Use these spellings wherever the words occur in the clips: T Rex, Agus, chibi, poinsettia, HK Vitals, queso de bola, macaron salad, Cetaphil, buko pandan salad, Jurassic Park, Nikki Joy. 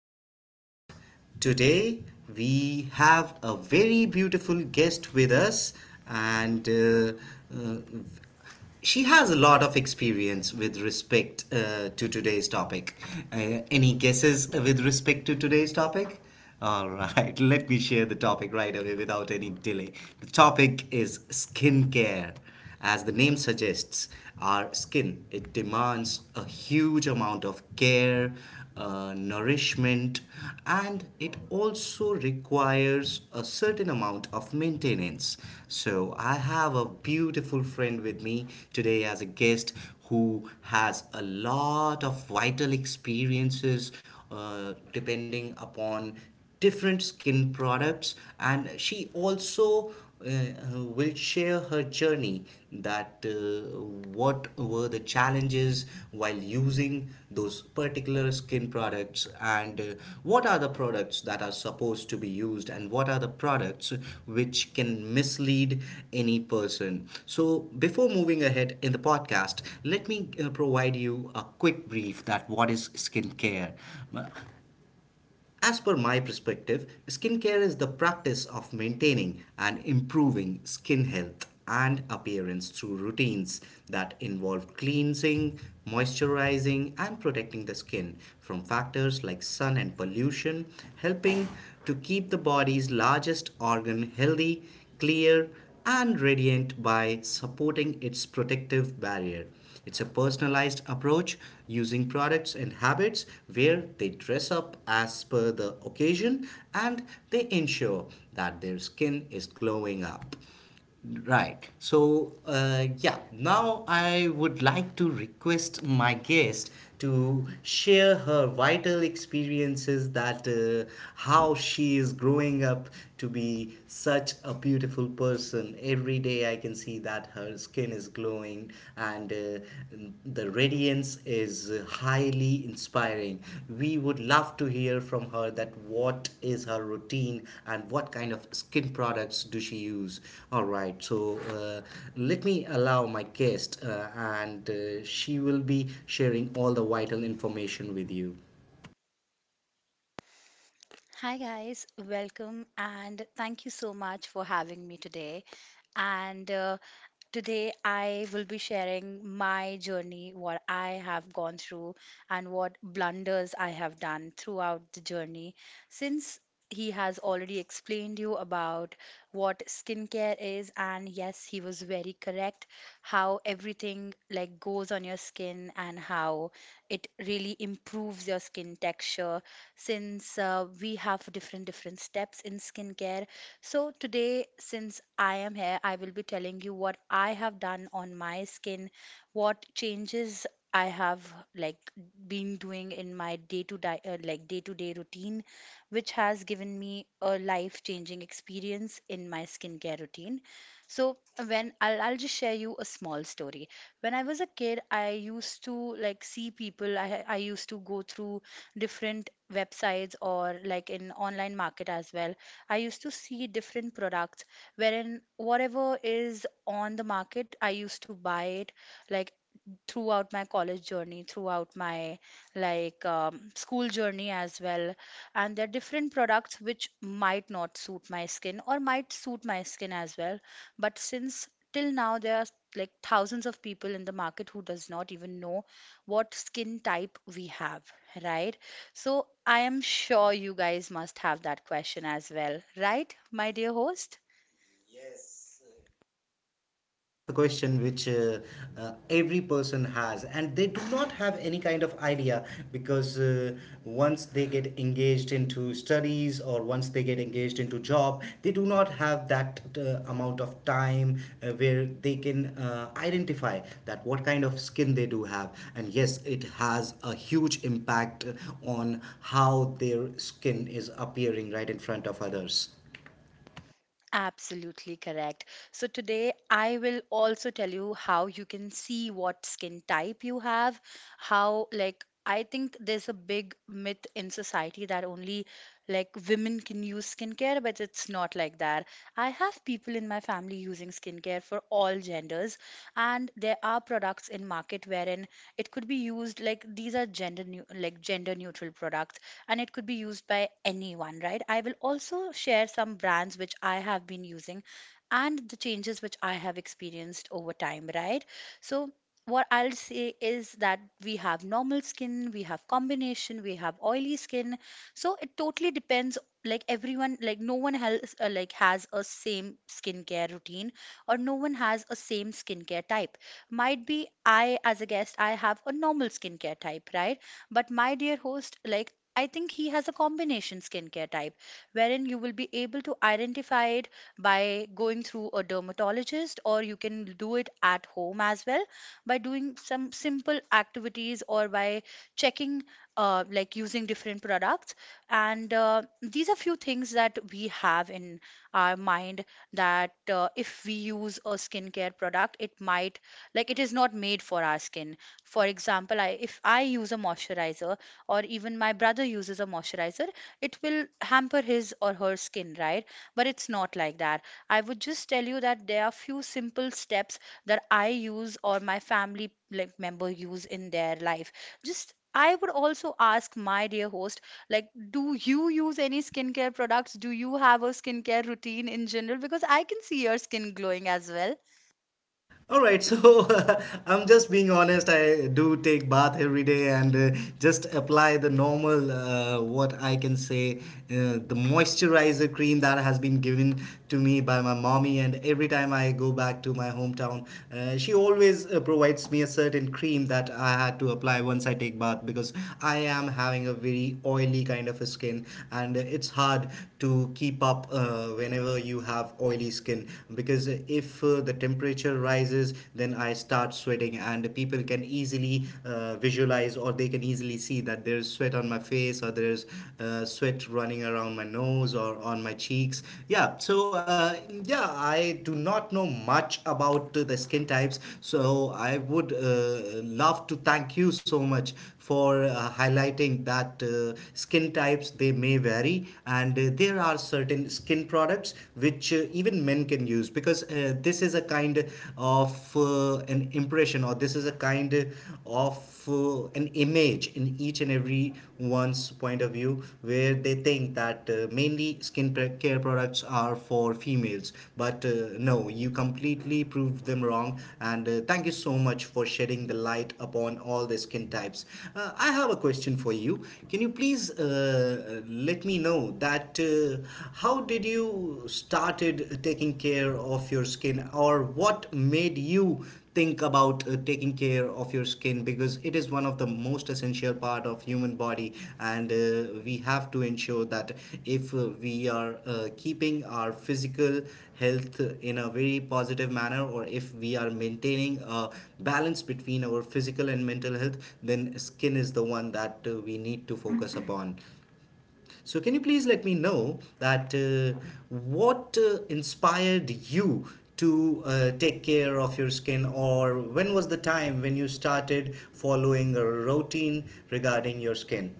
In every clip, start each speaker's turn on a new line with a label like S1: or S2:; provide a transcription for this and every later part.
S1: podcast. Today we have a very beautiful guest with us, and uh, she has a lot of experience with respect to today's topic. Any guesses with respect to today's topic? All right, let me share the topic right away without any delay. The topic is skincare. As the name suggests, our skin it demands a huge amount of care, nourishment, and it also requires a certain amount of maintenance. So I have a beautiful friend with me today as a guest who has a lot of vital experiences depending upon different skin products, and she also uh, will share her journey that what were the challenges while using those particular skin products and what are the products that are supposed to be used and what are the products which can mislead any person. So, before moving ahead in the podcast, let me provide you a quick brief that what is skincare. Uh, as per my perspective, skincare is the practice of maintaining and improving skin health and appearance through routines that involve cleansing, moisturizing, and protecting the skin from factors like sun and pollution, helping to keep the body's largest organ healthy, clear, and radiant by supporting its protective barrier. It's a personalized approach using products and habits where they dress up as per the occasion and they ensure that their skin is glowing up. Right. So, yeah, now I would like to request my guest to share her vital experiences that how she is growing up to be such a beautiful person. Every day I can see that her skin is glowing, and the radiance is highly inspiring. We would love to hear from her that what is her routine and what kind of skin products do she use. All right, so let me allow my guest, and she will be sharing all the vital information with you.
S2: Hi, guys, welcome, and thank you so much for having me today. And Today, I will be sharing my journey, what I have gone through, and what blunders I have done throughout the journey. Since he has already explained you about what skincare is, and yes, he was very correct how everything like goes on your skin and how it really improves your skin texture. Since We have different steps in skincare, so, today, since I am here, I will be telling you what I have done on my skin, what changes I have like been doing in my day to day day to day routine, which has given me a life changing experience in my skincare routine. So when I'll just share you a small story. When I was a kid, I used to like see people. I used to go through different websites or like in online market as well, I used to see different products wherein whatever is on the market, I used to buy it, like throughout my college journey, throughout my like school journey as well. And there are different products which might not suit my skin or might suit my skin as well. But since till now there are like thousands of people in the market who does not even know what skin type we have, right? So I am sure you guys must have that question as well, right, my dear host?
S1: Kind of a question which every person has, and they do not have any kind of idea because once they get engaged into studies, or once they get engaged into job, they do not have that amount of time where they can identify that what kind of skin they do have. And yes, it has a huge impact on how their skin is appearing right in front of others.
S2: Absolutely correct. So today I will also tell you how you can see what skin type you have, how, like, I think there's a big myth in society that only like women can use skincare, but it's not like that. I have people in my family using skincare for all genders, and there are products in market wherein it could be used, like, these are gender new like gender neutral products and it could be used by anyone, right? I will also share some brands which I have been using and the changes which I have experienced over time, right? So, what I'll say is that we have normal skin, we have combination, we have oily skin. So it totally depends. Like everyone, like no one has has a same skincare routine, or no one has a same skincare type. Might be I, as a guest, I have a normal skincare type, right? But my dear host, like, I think he has a combination skincare type wherein you will be able to identify it by going through a dermatologist, or you can do it at home as well by doing some simple activities or by checking, like using different products. And these are few things that we have in our mind that if we use a skincare product, it might, like, it is not made for our skin. For example, I, if I use a moisturizer, or even my brother uses a moisturizer, it will hamper his or her skin, right? But it's not like that. I would just tell you that there are few simple steps that I use or my family like member use in their life. Just I would also ask my dear host, like, do you use any skincare products? Do you have a skincare routine in general? Because I can see your skin glowing as well.
S1: All right, so I'm just being honest. I do take bath every day and just apply the normal, what I can say, the moisturizer cream that has been given to me by my mommy. And every time I go back to my hometown, she always provides me a certain cream that I had to apply once I take bath, because I am having a very oily kind of a skin, and it's hard to keep up whenever you have oily skin, because if the temperature rises, then I start sweating and people can easily visualize, or they can easily see that there's sweat on my face or there's sweat running around my nose or on my cheeks. Yeah. So, yeah, I do not know much about the skin types, so I would love to thank you so much for highlighting that skin types they may vary, and there are certain skin products which even men can use, because this is a kind of an impression, or this is a kind of an image in each and every one's point of view where they think that mainly skin care hair products are for females. But no, you completely proved them wrong. And thank you so much for shedding the light upon all the skin types. I have a question for you. Can you please let me know that how did you started taking care of your skin, or what made you think about taking care of your skin, because it is one of the most essential part of human body, and we have to ensure that if we are keeping our physical health in a very positive manner, or if we are maintaining a balance between our physical and mental health, then skin is the one that we need to focus upon. So, can you please let me know that what inspired you to take care of your skin, or when was the time when you started following a routine regarding your skin?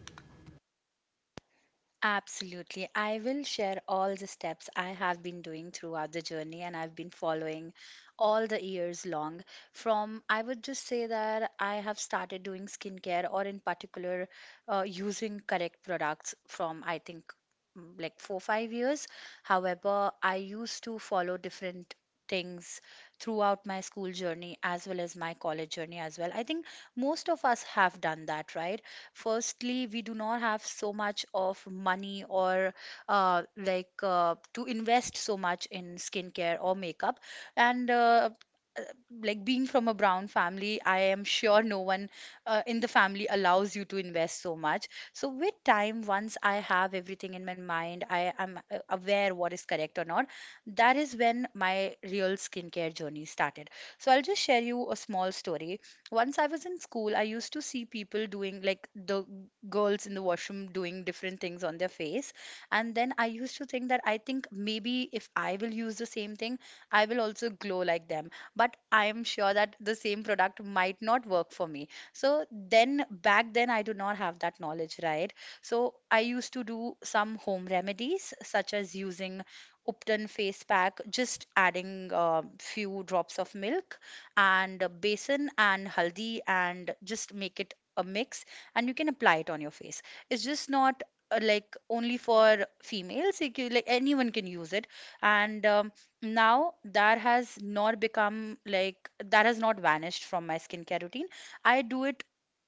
S2: Absolutely. I will share all the steps I have been doing throughout the journey and I've been following all the years long. From, I would just say that I have started doing skincare or, in particular, using correct products from, I think, like four, 5 years. However, I used to follow different things throughout my school journey as well as my college journey as well. I think most of us have done that, right? Firstly, we do not have so much of money or to invest so much in skincare or makeup, and uh, like being from a brown family, I am sure no one in the family allows you to invest so much. So with time, once I have everything in my mind, I am aware what is correct or not. That is when my real skincare journey started. So I'll just share you a small story. Once I was in school, I used to see people doing, like, the girls in the washroom doing different things on their face. And then I used to think that I think maybe if I will use the same thing, I will also glow like them. But I am sure that the same product might not work for me. So then back then, I do not have that knowledge, right? So I used to do some home remedies, such as using Upton face pack, just adding a few drops of milk and besan and haldi and just make it a mix, and you can apply it on your face. It's just not only for females, you can- like anyone can use it. And now that has not become, like, that has not vanished from my skincare routine. I do it,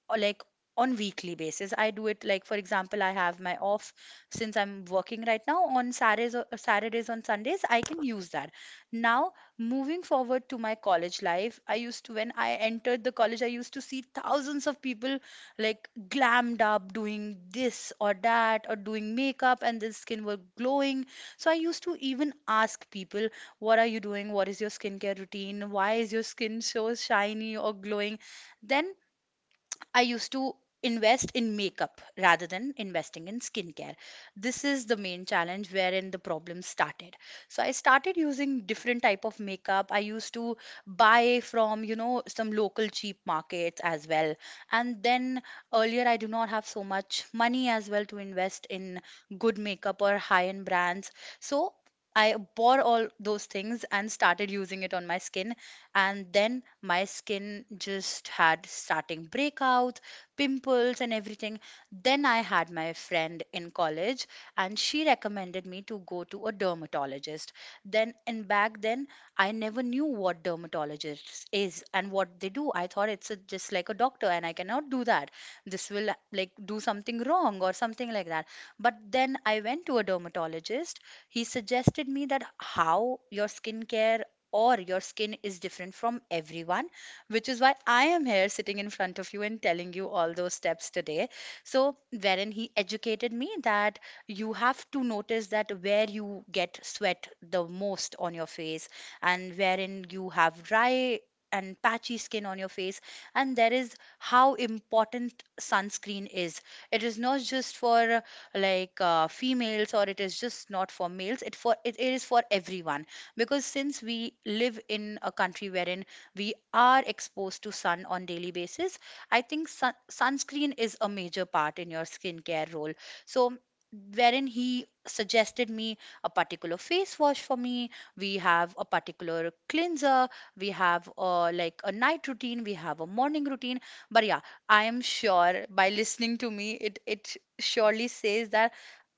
S2: or like, on weekly basis I do it. Like for example, I have my off, since I'm working right now, on Saturdays, or Saturdays on Sundays I can use that. Now, moving forward to my college life, I used to, when I entered the college, I used to see thousands of people like glammed up doing this or that or doing makeup and their skin were glowing. So I used to even ask people, what are you doing, what is your skincare routine, why is your skin so shiny or glowing? Then I used to invest in makeup rather than investing in skincare. This is the main challenge wherein the problem started. So I started using different type of makeup. I used to buy from, you know, some local cheap markets as well. And then earlier I do not have so much money as well to invest in good makeup or high-end brands. So I bought all those things and started using it on my skin, and then my skin just had starting breakouts, pimples and everything. Then I had my friend in college, and she recommended me to go to a dermatologist. Then, and back then, I never knew what dermatologist is and what they do. I thought it's a, just like a doctor, and I cannot do that, this will like do something wrong or something like that. But then I went to a dermatologist. He suggested me that how your skincare or your skin is different from everyone, which is why I am here sitting in front of you and telling you all those steps today. So, wherein he educated me that you have to notice that where you get sweat the most on your face and wherein you have dry and patchy skin on your face, and that is how important sunscreen is. It is not just for females, or it is just not for males, it is for everyone, because since we live in a country wherein we are exposed to sun on daily basis, I think sunscreen is a major part in your skincare role. So, wherein he suggested me a particular face wash for me, we have a particular cleanser, we have a like a night routine, we have a morning routine. But yeah, I am sure by listening to me, it surely says that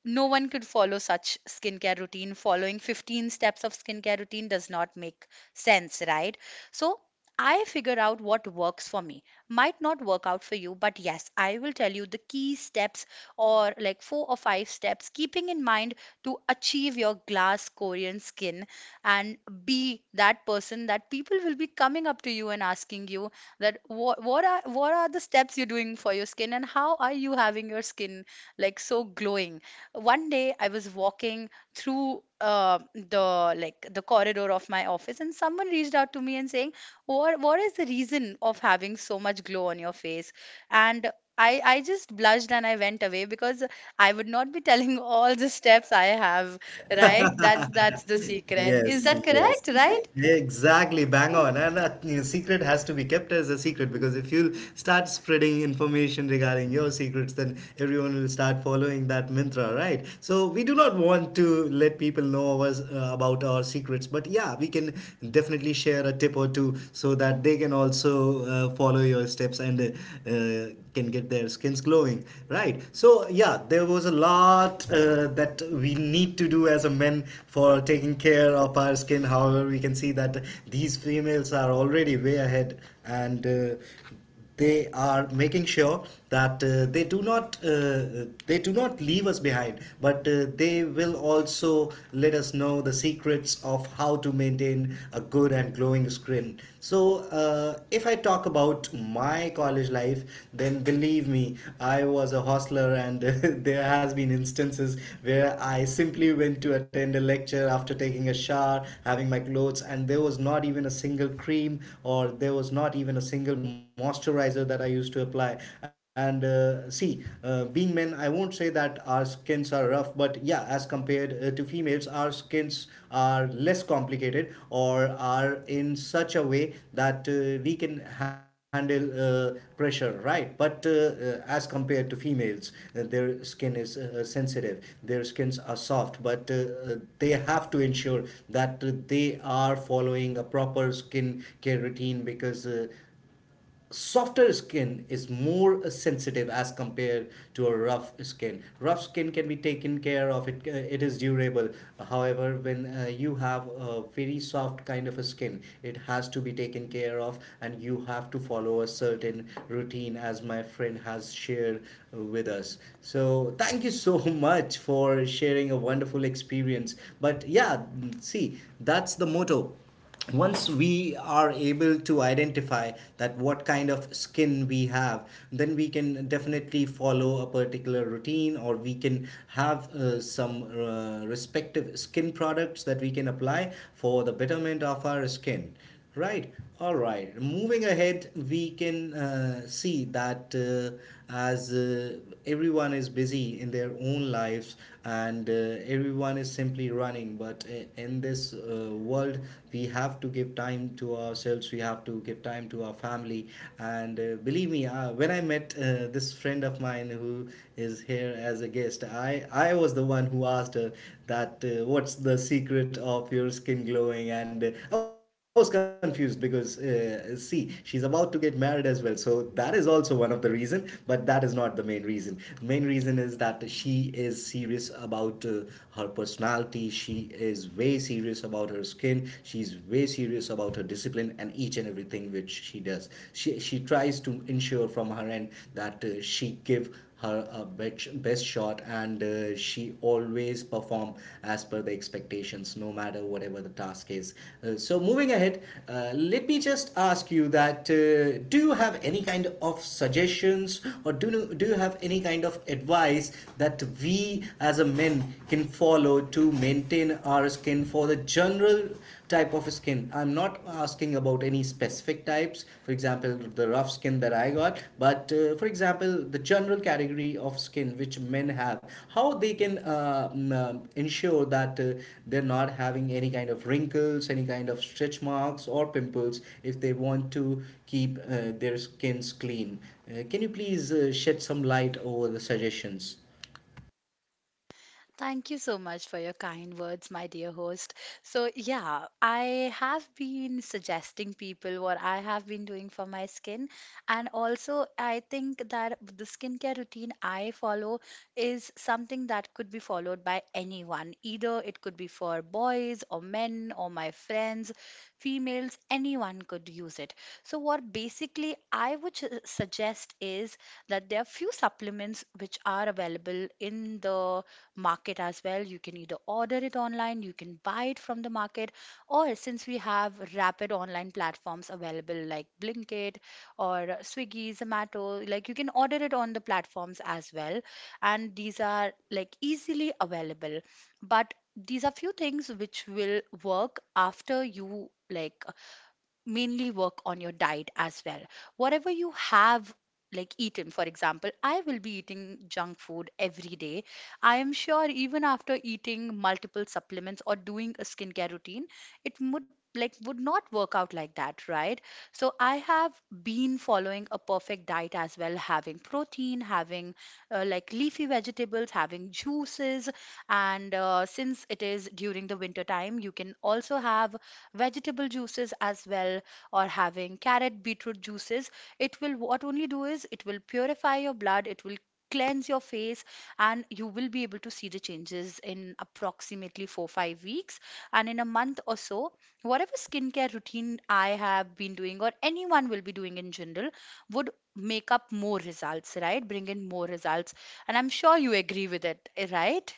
S2: no one could follow such skincare routine. Following 15 steps of skincare routine does not make sense, right? So I figure out what works for me. Might not work out for you, but yes, I will tell you the key steps, or like four or five steps, keeping in mind to achieve your glass Korean skin, and be that person that people will be coming up to you and asking you that what are the steps you're doing for your skin and how are you having your skin like so glowing. One day I was walking through the corridor of my office, and someone reached out to me and saying, "What is the reason of having so much glow on your face?" And I just blushed and I went away because I would not be telling all the steps I have, right? That's the
S1: Secret. Is
S2: secret. Is
S1: yes,
S2: that
S1: that yes,
S2: correct,
S1: correct,
S2: right?
S1: right? Exactly, bang on. And a secret has to be kept as a secret, because if you start spreading information regarding your secrets, then everyone will start following that mantra, right? So we do not want to let people know us, about our secrets, but yeah, we can definitely share a tip or two so that they can also follow your steps, and can get their skins glowing, right? So yeah, there was a lot that we need to do as a men for taking care of our skin. However, we can see that these females are already way ahead, and they are making sure that they do not leave us behind, but they will also let us know the secrets of how to maintain a good and glowing skin happen. So, if I talk about my college life, then believe me, I was a hostler, and there has been instances where I simply went to attend a lecture after taking a shower, having my clothes, and there was not even a single cream, or there was not even a single moisturizer that I used to apply. And see, being men, I won't say that our skins are rough, off, but yeah, as compared to females, our skins are less complicated, or are in such a way that we can handle pressure, right? But as compared to females, their skin is sensitive, their skins are soft, but uh, they have to ensure that they are following a proper skin care routine, because softer skin is more sensitive as compared to a rough skin. Rough skin can be taken care of, it is durable. However, when you have a very soft kind of a skin, it has to be taken care of, and you have to follow a certain routine as my friend has shared with us. So thank you so much for sharing a wonderful experience. But yeah, see, that's the motto. Once we are able to identify that what kind of skin we have, then we can definitely follow a particular routine, or we can have some respective skin products that we can apply for the betterment of our skin. Right. All right. Moving ahead, we can see that as everyone is busy in their own lives, and everyone is simply running, but in this world, we have to give time to ourselves, we have to give time to our family. And believe me, when I met this friend of mine who is here as a guest, I was the one who asked her that what's the secret of your skin glowing. And I was confused because see, she's about to get married as well, so that is also one of the reason, but that is not the main reason. Main reason is that she is serious about her personality, she is way serious about her skin, she's way serious about her discipline, and each and everything which she does, she tries to ensure from her end that she give her best shot, and she always perform as per the expectations, no matter whatever the task is. So moving ahead, let me just ask you that do you have any kind of suggestions, or do you have any kind of advice that we as a men can follow to maintain our skin for the general type of skin. I'm not asking about any specific types, for example, the rough skin that I got, but for example, the general category of skin which men have, how they can ensure that they're not having any kind of wrinkles, any kind of stretch marks, or pimples if they want to keep their skins clean. Can you please shed some light over the suggestions?
S2: Thank you so much for your kind words, my dear host. So, yeah, I have been suggesting people what I have been doing for my skin. And also, I think that the skincare routine I follow is something that could be followed by anyone. Either it could be for boys or men or my friends, females, anyone could use it. So, what basically I would suggest is that there are few supplements which are available in the market as well. You can either order it online, you can buy it from the market, or since we have rapid online platforms available like Blinkit or Swiggy, Zomato, like you can order it on the platforms as well. And these are like easily available. But these are few things which will work after you like mainly work on your diet as well. Whatever you have like eaten, for example, I will be eating junk food every day. I am sure even after eating multiple supplements or doing a skincare routine, it would like would not work out like that, right? So I have been following a perfect diet as well, having protein, having like leafy vegetables, having juices, and since it is during the winter time, you can also have vegetable juices as well, or having carrot beetroot juices. It will what only do is it will purify your blood, it will cleanse your face, and you will be able to see the changes in approximately 4 5 weeks. And in a month or so, whatever skincare routine I have been doing or anyone will be doing in general would make up more results, right? Bring in more results. And I'm sure you agree with it, right?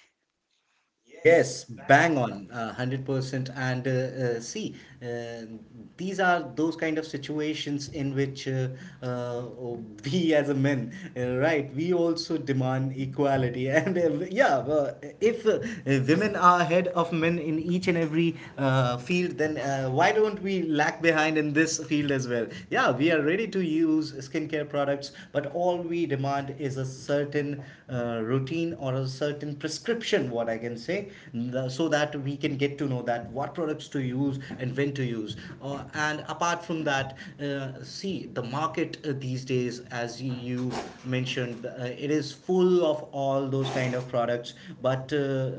S1: Yes, bang on, 100%. And see, uh, these are those kind of situations in which uh, oh, we as a men, right, we also demand equality. And yeah, if women are ahead of men in each and every field, then why don't we lag behind in this field as well? Yeah, we are ready to use skincare products, but all we demand is a certain routine or a certain prescription, what I can say. So that we can get to know that what products to use and when to use. And apart from that, see, the market these days, as you mentioned, it is full of all those kind of products, but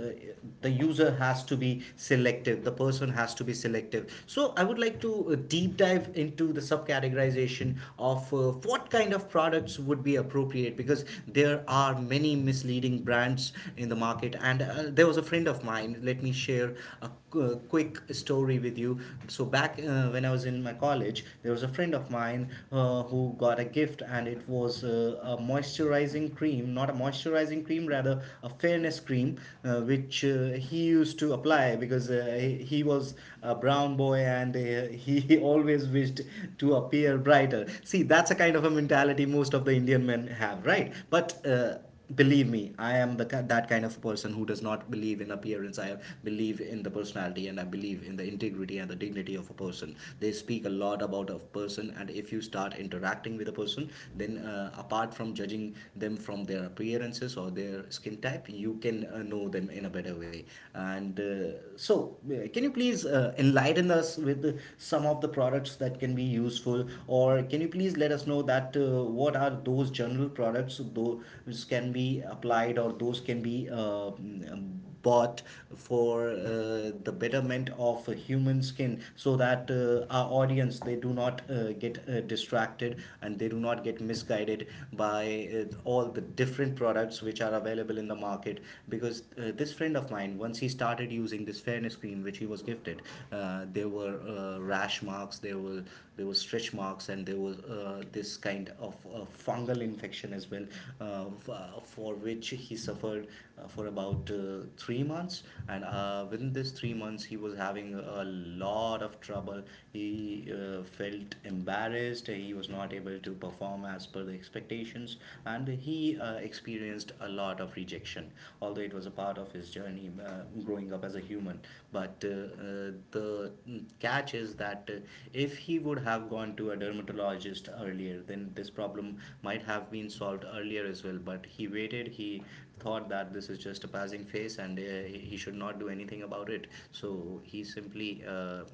S1: the user has to be selective, the person has to be selective. So I would like to deep dive into the subcategorization of what kind of products would be appropriate, because there are many misleading brands in the market. And there was a friend of mine, let me share a quick story with you. So back when I was in my college, there was a friend of mine who got a gift, and it was a moisturizing cream, not a moisturizing cream, rather a fairness cream, which he used to apply because he was a brown boy. And he always wished to appear brighter. See, that's a kind of a mentality most of the Indian men have, right? But believe me, I am that kind of person who does not believe in appearance. I believe in the personality, and I believe in the integrity and the dignity of a person. They speak a lot about a person, and if you start interacting with a person, then apart from judging them from their appearances or their skin type, you can know them in a better way. And can you please enlighten us with some of the products that can be useful, or can you please let us know that what are those general products those can be applied, or those can be bought for the betterment of human skin, so that our audience, they do not get distracted and they do not get misguided by all the different products which are available in the market? Because this friend of mine, once he started using this fairness cream which he was gifted, there were rash marks, there were stretch marks, and there was this kind of fungal infection as well, for which he suffered for about 3 months. And within this 3 months, he was having a lot of trouble. He felt embarrassed, he was not able to perform as per the expectations, and he experienced a lot of rejection, although it was a part of his journey growing up as a human. But uh, the catch is that if he would have gone to a dermatologist earlier, then this problem might have been solved earlier as well. But he waited, he thought that this is just a passing phase, and he should not do anything about it. So he simply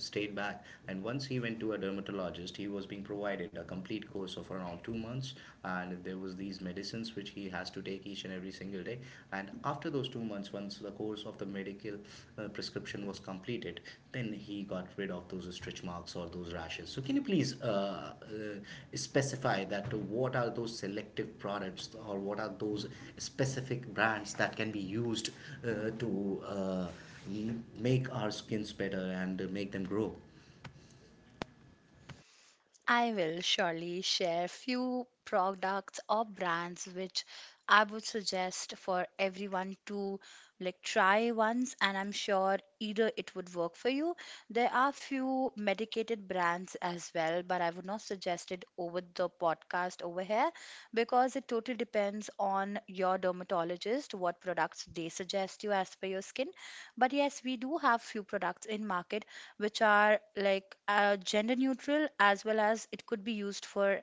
S1: stayed back. And once he went to a dermatologist, he was being provided a complete course of around 2 months, and there was these medicines which he has to take each and every single day. And after those 2 months, once the course of the medical prescription was completed, then he got rid of those stretch marks or those rashes. So, can you please specify that what are those selective products, or what are those specific brands that can be used to make our skins better and make them grow?
S2: I will surely share few products or brands which I would suggest for everyone to like try once, and I'm sure either it would work for you. There are few medicated brands as well, but I would not suggest it over the podcast over here because it totally depends on your dermatologist what products they suggest you as per your skin. But yes, we do have few products in market which are like gender neutral, as well as it could be used for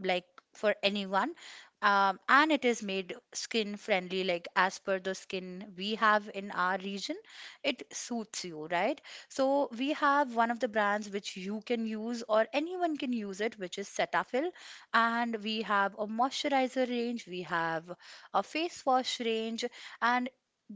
S2: like for anyone, and it is made skin friendly, like as per the skin we have in our region, it suits you, right? So we have one of the brands which you can use, or anyone can use it, which is Cetaphil. And we have a moisturizer range, we have a face wash range, and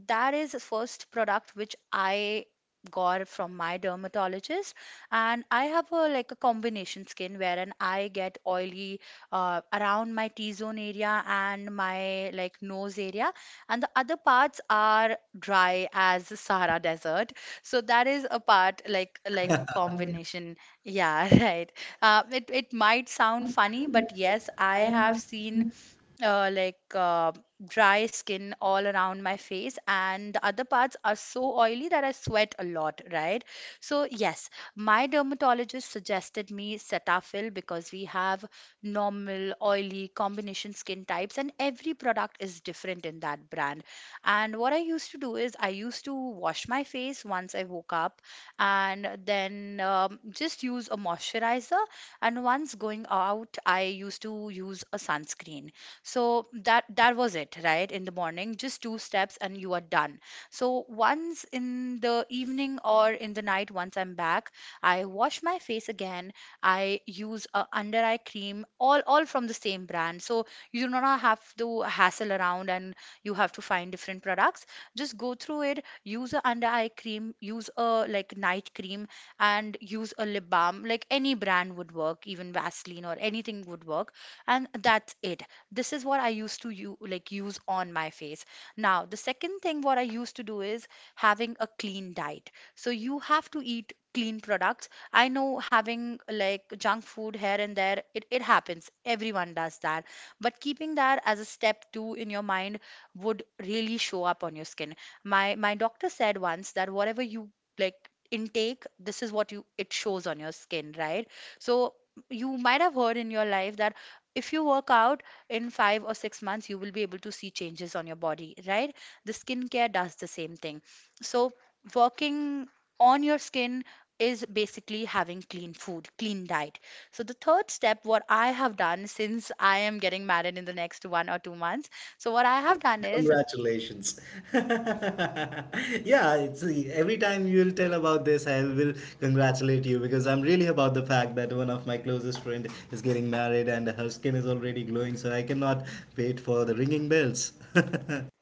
S2: that is the first product which I got from my dermatologist. And I have a like a combination skin, wherein I get oily around my T-zone area and my like nose area, and the other parts are dry as the Sahara desert. So that is a part like
S1: I found it.
S2: combination. Yeah, right. It, it
S1: It
S2: might
S1: might
S2: sound
S1: sound
S2: funny,
S1: funny,
S2: but
S1: but yes,
S2: yes, I
S1: I
S2: have
S1: have
S2: seen
S1: seen.
S2: uh, like uh, dry skin all around my face, and the other parts are so oily that I sweat a lot, right? So, yes, my dermatologist suggested me Cetaphil because we have normal, oily, combination skin types, and every product is different in that brand. And what I used to do is I used to wash my face once I woke up and then just use a moisturizer. And once going out, I used to use a sunscreen, so that that was it, right? In the morning, just two steps and you are done. So once in the evening or in the night, once I'm back, I wash my face again. I use a under eye cream, all from the same brand. So you do not have to hassle around and you have to find different products. Just go through it, use a under eye cream, use a like night cream, and use a lip balm. Like any brand would work, even Vaseline or anything would work, and that's it. This is what I used to you like use on my face. Now, the second thing what I used to do is having a clean diet. So you have to eat clean products. I know having like junk food here and there, it happens, everyone does that. But keeping that as a step two in your mind would really show up on your skin. My doctor said once that whatever you like intake, this is what you it shows on your skin, right? So you might have heard in your life that if you work out in 5 or 6 months, you will be able to see changes on your body, right? The skincare does the same thing. So, working on your skin is basically having clean food, clean diet. So, the third step, what I have done, since I am getting married in the next 1 or 2 months, so what I have done is
S1: Congratulations. Yeah, it's every time you'll tell about this, I will congratulate you because I'm really about the fact that one of my closest friend is getting married and her skin is already glowing, so I cannot wait for the ringing bells.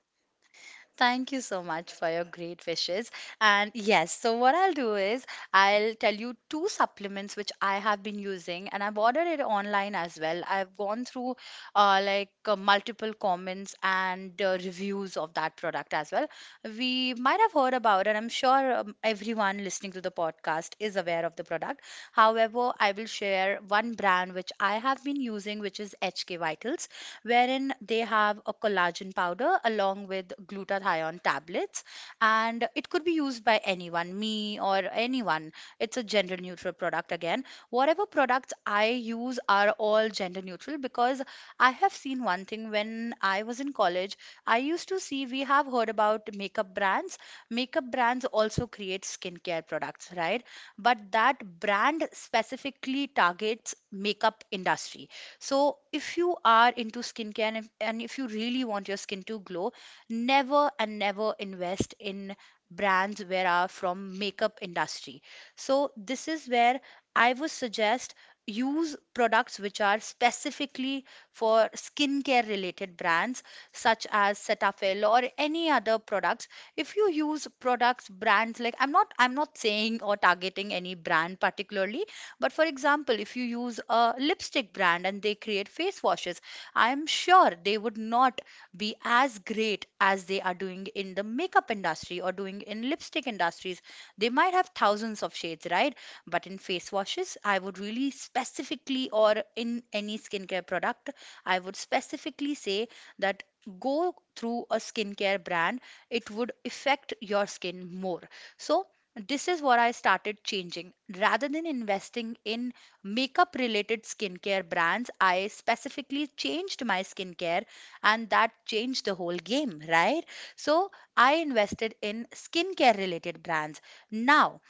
S2: thank you so much for your great wishes. And yes, so what I'll do is I'll tell you two supplements which I have been using, and I've ordered it online as well. I've gone through multiple comments and reviews of that product as well. We might have heard about it. I'm sure everyone listening to the podcast is aware of the product. However, I will share one brand which I have been using, which is HK Vitals, wherein they have a collagen powder along with glutathione tablets. And it could be used by anyone, me or anyone. It's a gender neutral product again. Whatever products I use are all gender neutral, because I have seen one thing when I was in college. I used to see, we have heard about makeup brands. Makeup brands also create skincare products, right? But that brand specifically targets makeup industry. So, if you are into skincare and if you really want your skin to glow, never and never invest in brands where are from makeup industry. So, this is where I would suggest use products which are specifically for skincare related brands, such as Cetaphil or any other products. If you use products brands like, I'm not saying or targeting any brand particularly, but for example, if you use a lipstick brand and they create face washes, I am sure they would not be as great as they are doing in the makeup industry or doing in lipstick industries. They might have thousands of shades, right? But in face washes, I would really specifically or in any skincare product, I would specifically say that go through a skincare brand, it would affect your skin more. So this is what I started changing. Rather than investing in makeup related skincare brands, I specifically changed my skincare, and that changed the whole game, right? So I invested in skincare related brands. Now,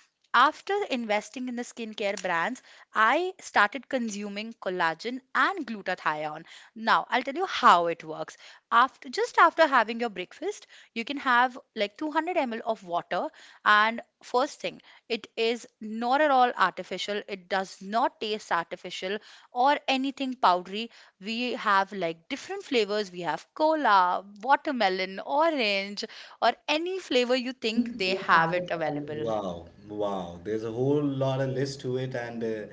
S2: after investing in the skincare brands, I started consuming collagen and glutathione. Now, I'll tell you how it works. After Just after having your breakfast, you can have like 200 ml of water and first thing, it is not at all artificial. It does not taste artificial or anything powdery. We have like different flavors. We have cola, watermelon, orange, or any flavor you think
S1: Think
S2: they
S1: they
S2: have
S1: have
S2: it
S1: it available.
S2: available.
S1: Wow, wow. There's a whole lot of list to it, and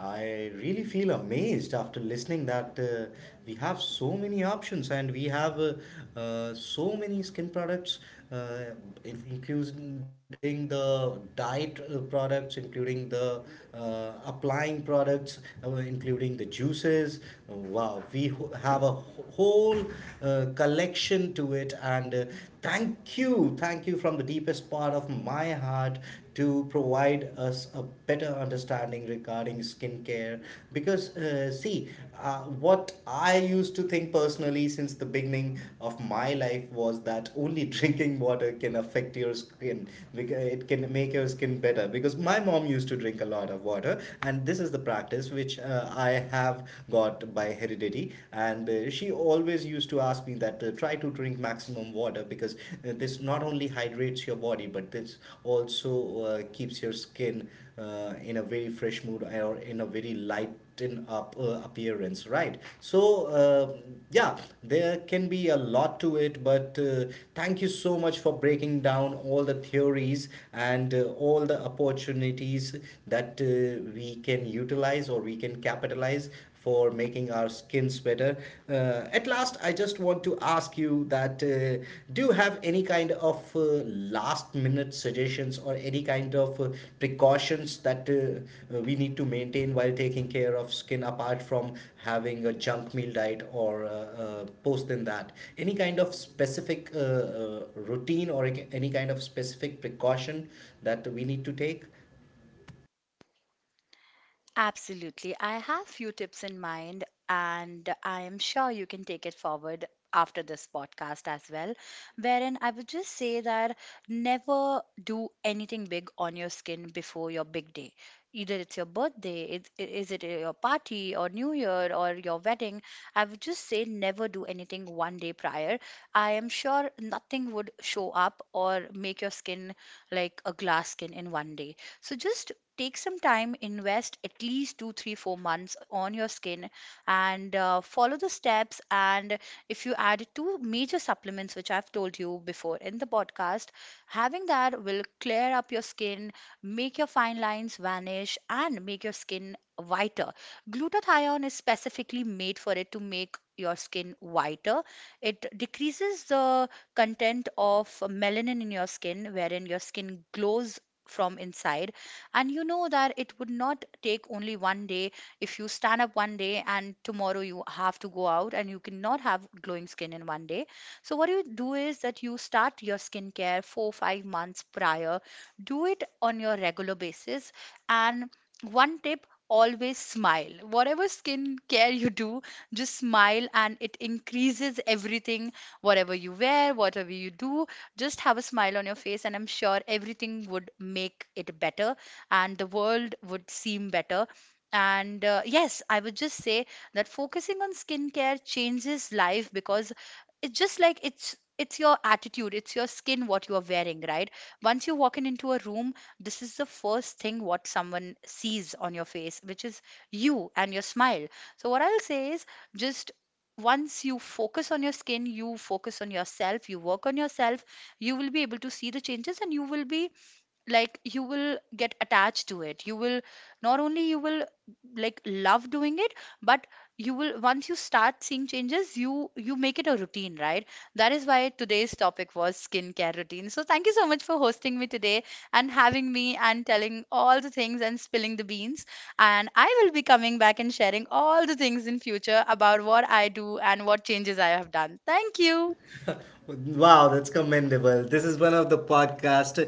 S1: I really feel amazed after listening that we have so many options, and we have so many skin products, uh, including the diet products, including the applying products, including the juices. Wow, we have whole collection, listen to it. And thank you from the deepest part of my heart to provide us a better understanding regarding skincare. Because, see, what I used to think personally since the beginning of my life was that only drinking water can affect your skin, it can make your skin better. Because my mom used to drink a lot of water, and this is the practice which I have got by heredity. And she always used to ask me that try to drink maximum water because this not only hydrates your body, but this also keeps your skin in a very fresh mood, or in a very light in up appearance, right? So yeah, there can be a lot to it, but thank you so much for breaking down all the theories and all the opportunities that we can utilize or we can capitalize for making our skins better. Uh, at last, I just want to ask you that do you have any kind of last minute suggestions, or any kind of precautions that we need to maintain while taking care of skin, apart from having a junk meal diet, or post than that? Any kind of specific routine or any kind of specific precaution that we need to take?
S2: Absolutely. I have few tips in mind and I am sure you can take it forward after this podcast as well, wherein I would just say that never do anything big on your skin before your big day. Either it's your birthday, is it your party or New Year or your wedding? I would just say never do anything 1 day prior. I am sure nothing would show up or make your skin like a glass skin in 1 day. So just take some time, invest at least two, three, 4 months on your skin and follow the steps. And if you add two major supplements, which I've told you before in the podcast, having that will clear up your skin, make your fine lines vanish, and make your skin whiter. Glutathione is specifically made for it to make your skin whiter. It decreases the content of melanin in your skin, wherein your skin glows from inside. And you know that it would not take only 1 day. If you stand up 1 day and tomorrow you have to go out, and you cannot have glowing skin in 1 day. So what you do is that you start your skincare 4 5 months prior, do it on your regular basis. And one tip: always smile, whatever skin care you do, just smile and it increases everything. Whatever you wear, whatever you do, just have a smile on your face and I'm sure everything would make it better and the world would seem better. And yes, I would just say that focusing on skincare changes life, because it's just like, it's your attitude, it's your skin what you are wearing, right? Once you walk in into a room, this is the first thing what someone sees on your face, which is you and your smile. So what I'll say is just once you focus on your skin, you focus on yourself, you work on yourself, you will be able to see the changes. And you will be like, you will get attached to it. You will not only you will like love doing it, but you will, once you start seeing changes, you make it a routine, right? That is why today's topic was skincare routine. So thank you so much for hosting me today and having me and telling all the things and spilling the beans. And I will be coming back and sharing all the things in future about what I do and what changes I have done. Thank you.
S1: Wow, that's commendable. This is one of the podcast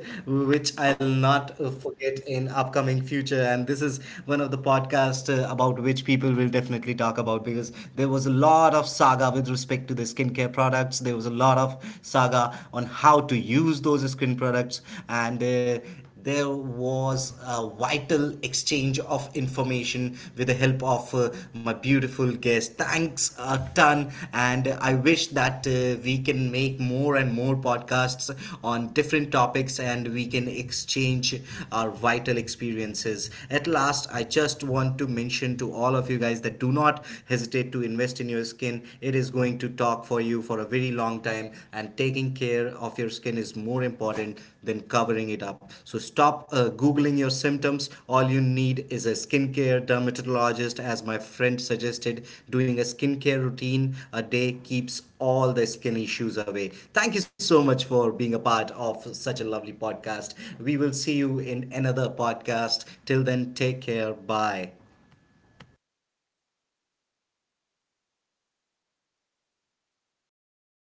S1: which I'll not forget in upcoming future, and this is one of the podcast about which people will definitely talk about, because there was a lot of saga with respect to the skincare products. There was a lot of saga on how to use those skin products. And there was a vital exchange of information with the help of my beautiful guest. Thanks a ton, and I wish that we can make more and more podcasts on different topics, and we can exchange our vital experiences. At last, I just want to mention to all of you guys that do not hesitate to invest in your skin. It is going to talk for you for a very long time, and taking care of your skin is more important than covering it up. So stop googling your symptoms. All you need is a skincare dermatologist. As my friend suggested, doing a skincare routine a day keeps all the skin issues away. Thank you so much for being a part of such a lovely podcast. We will see you in another podcast. Till then, take care, bye.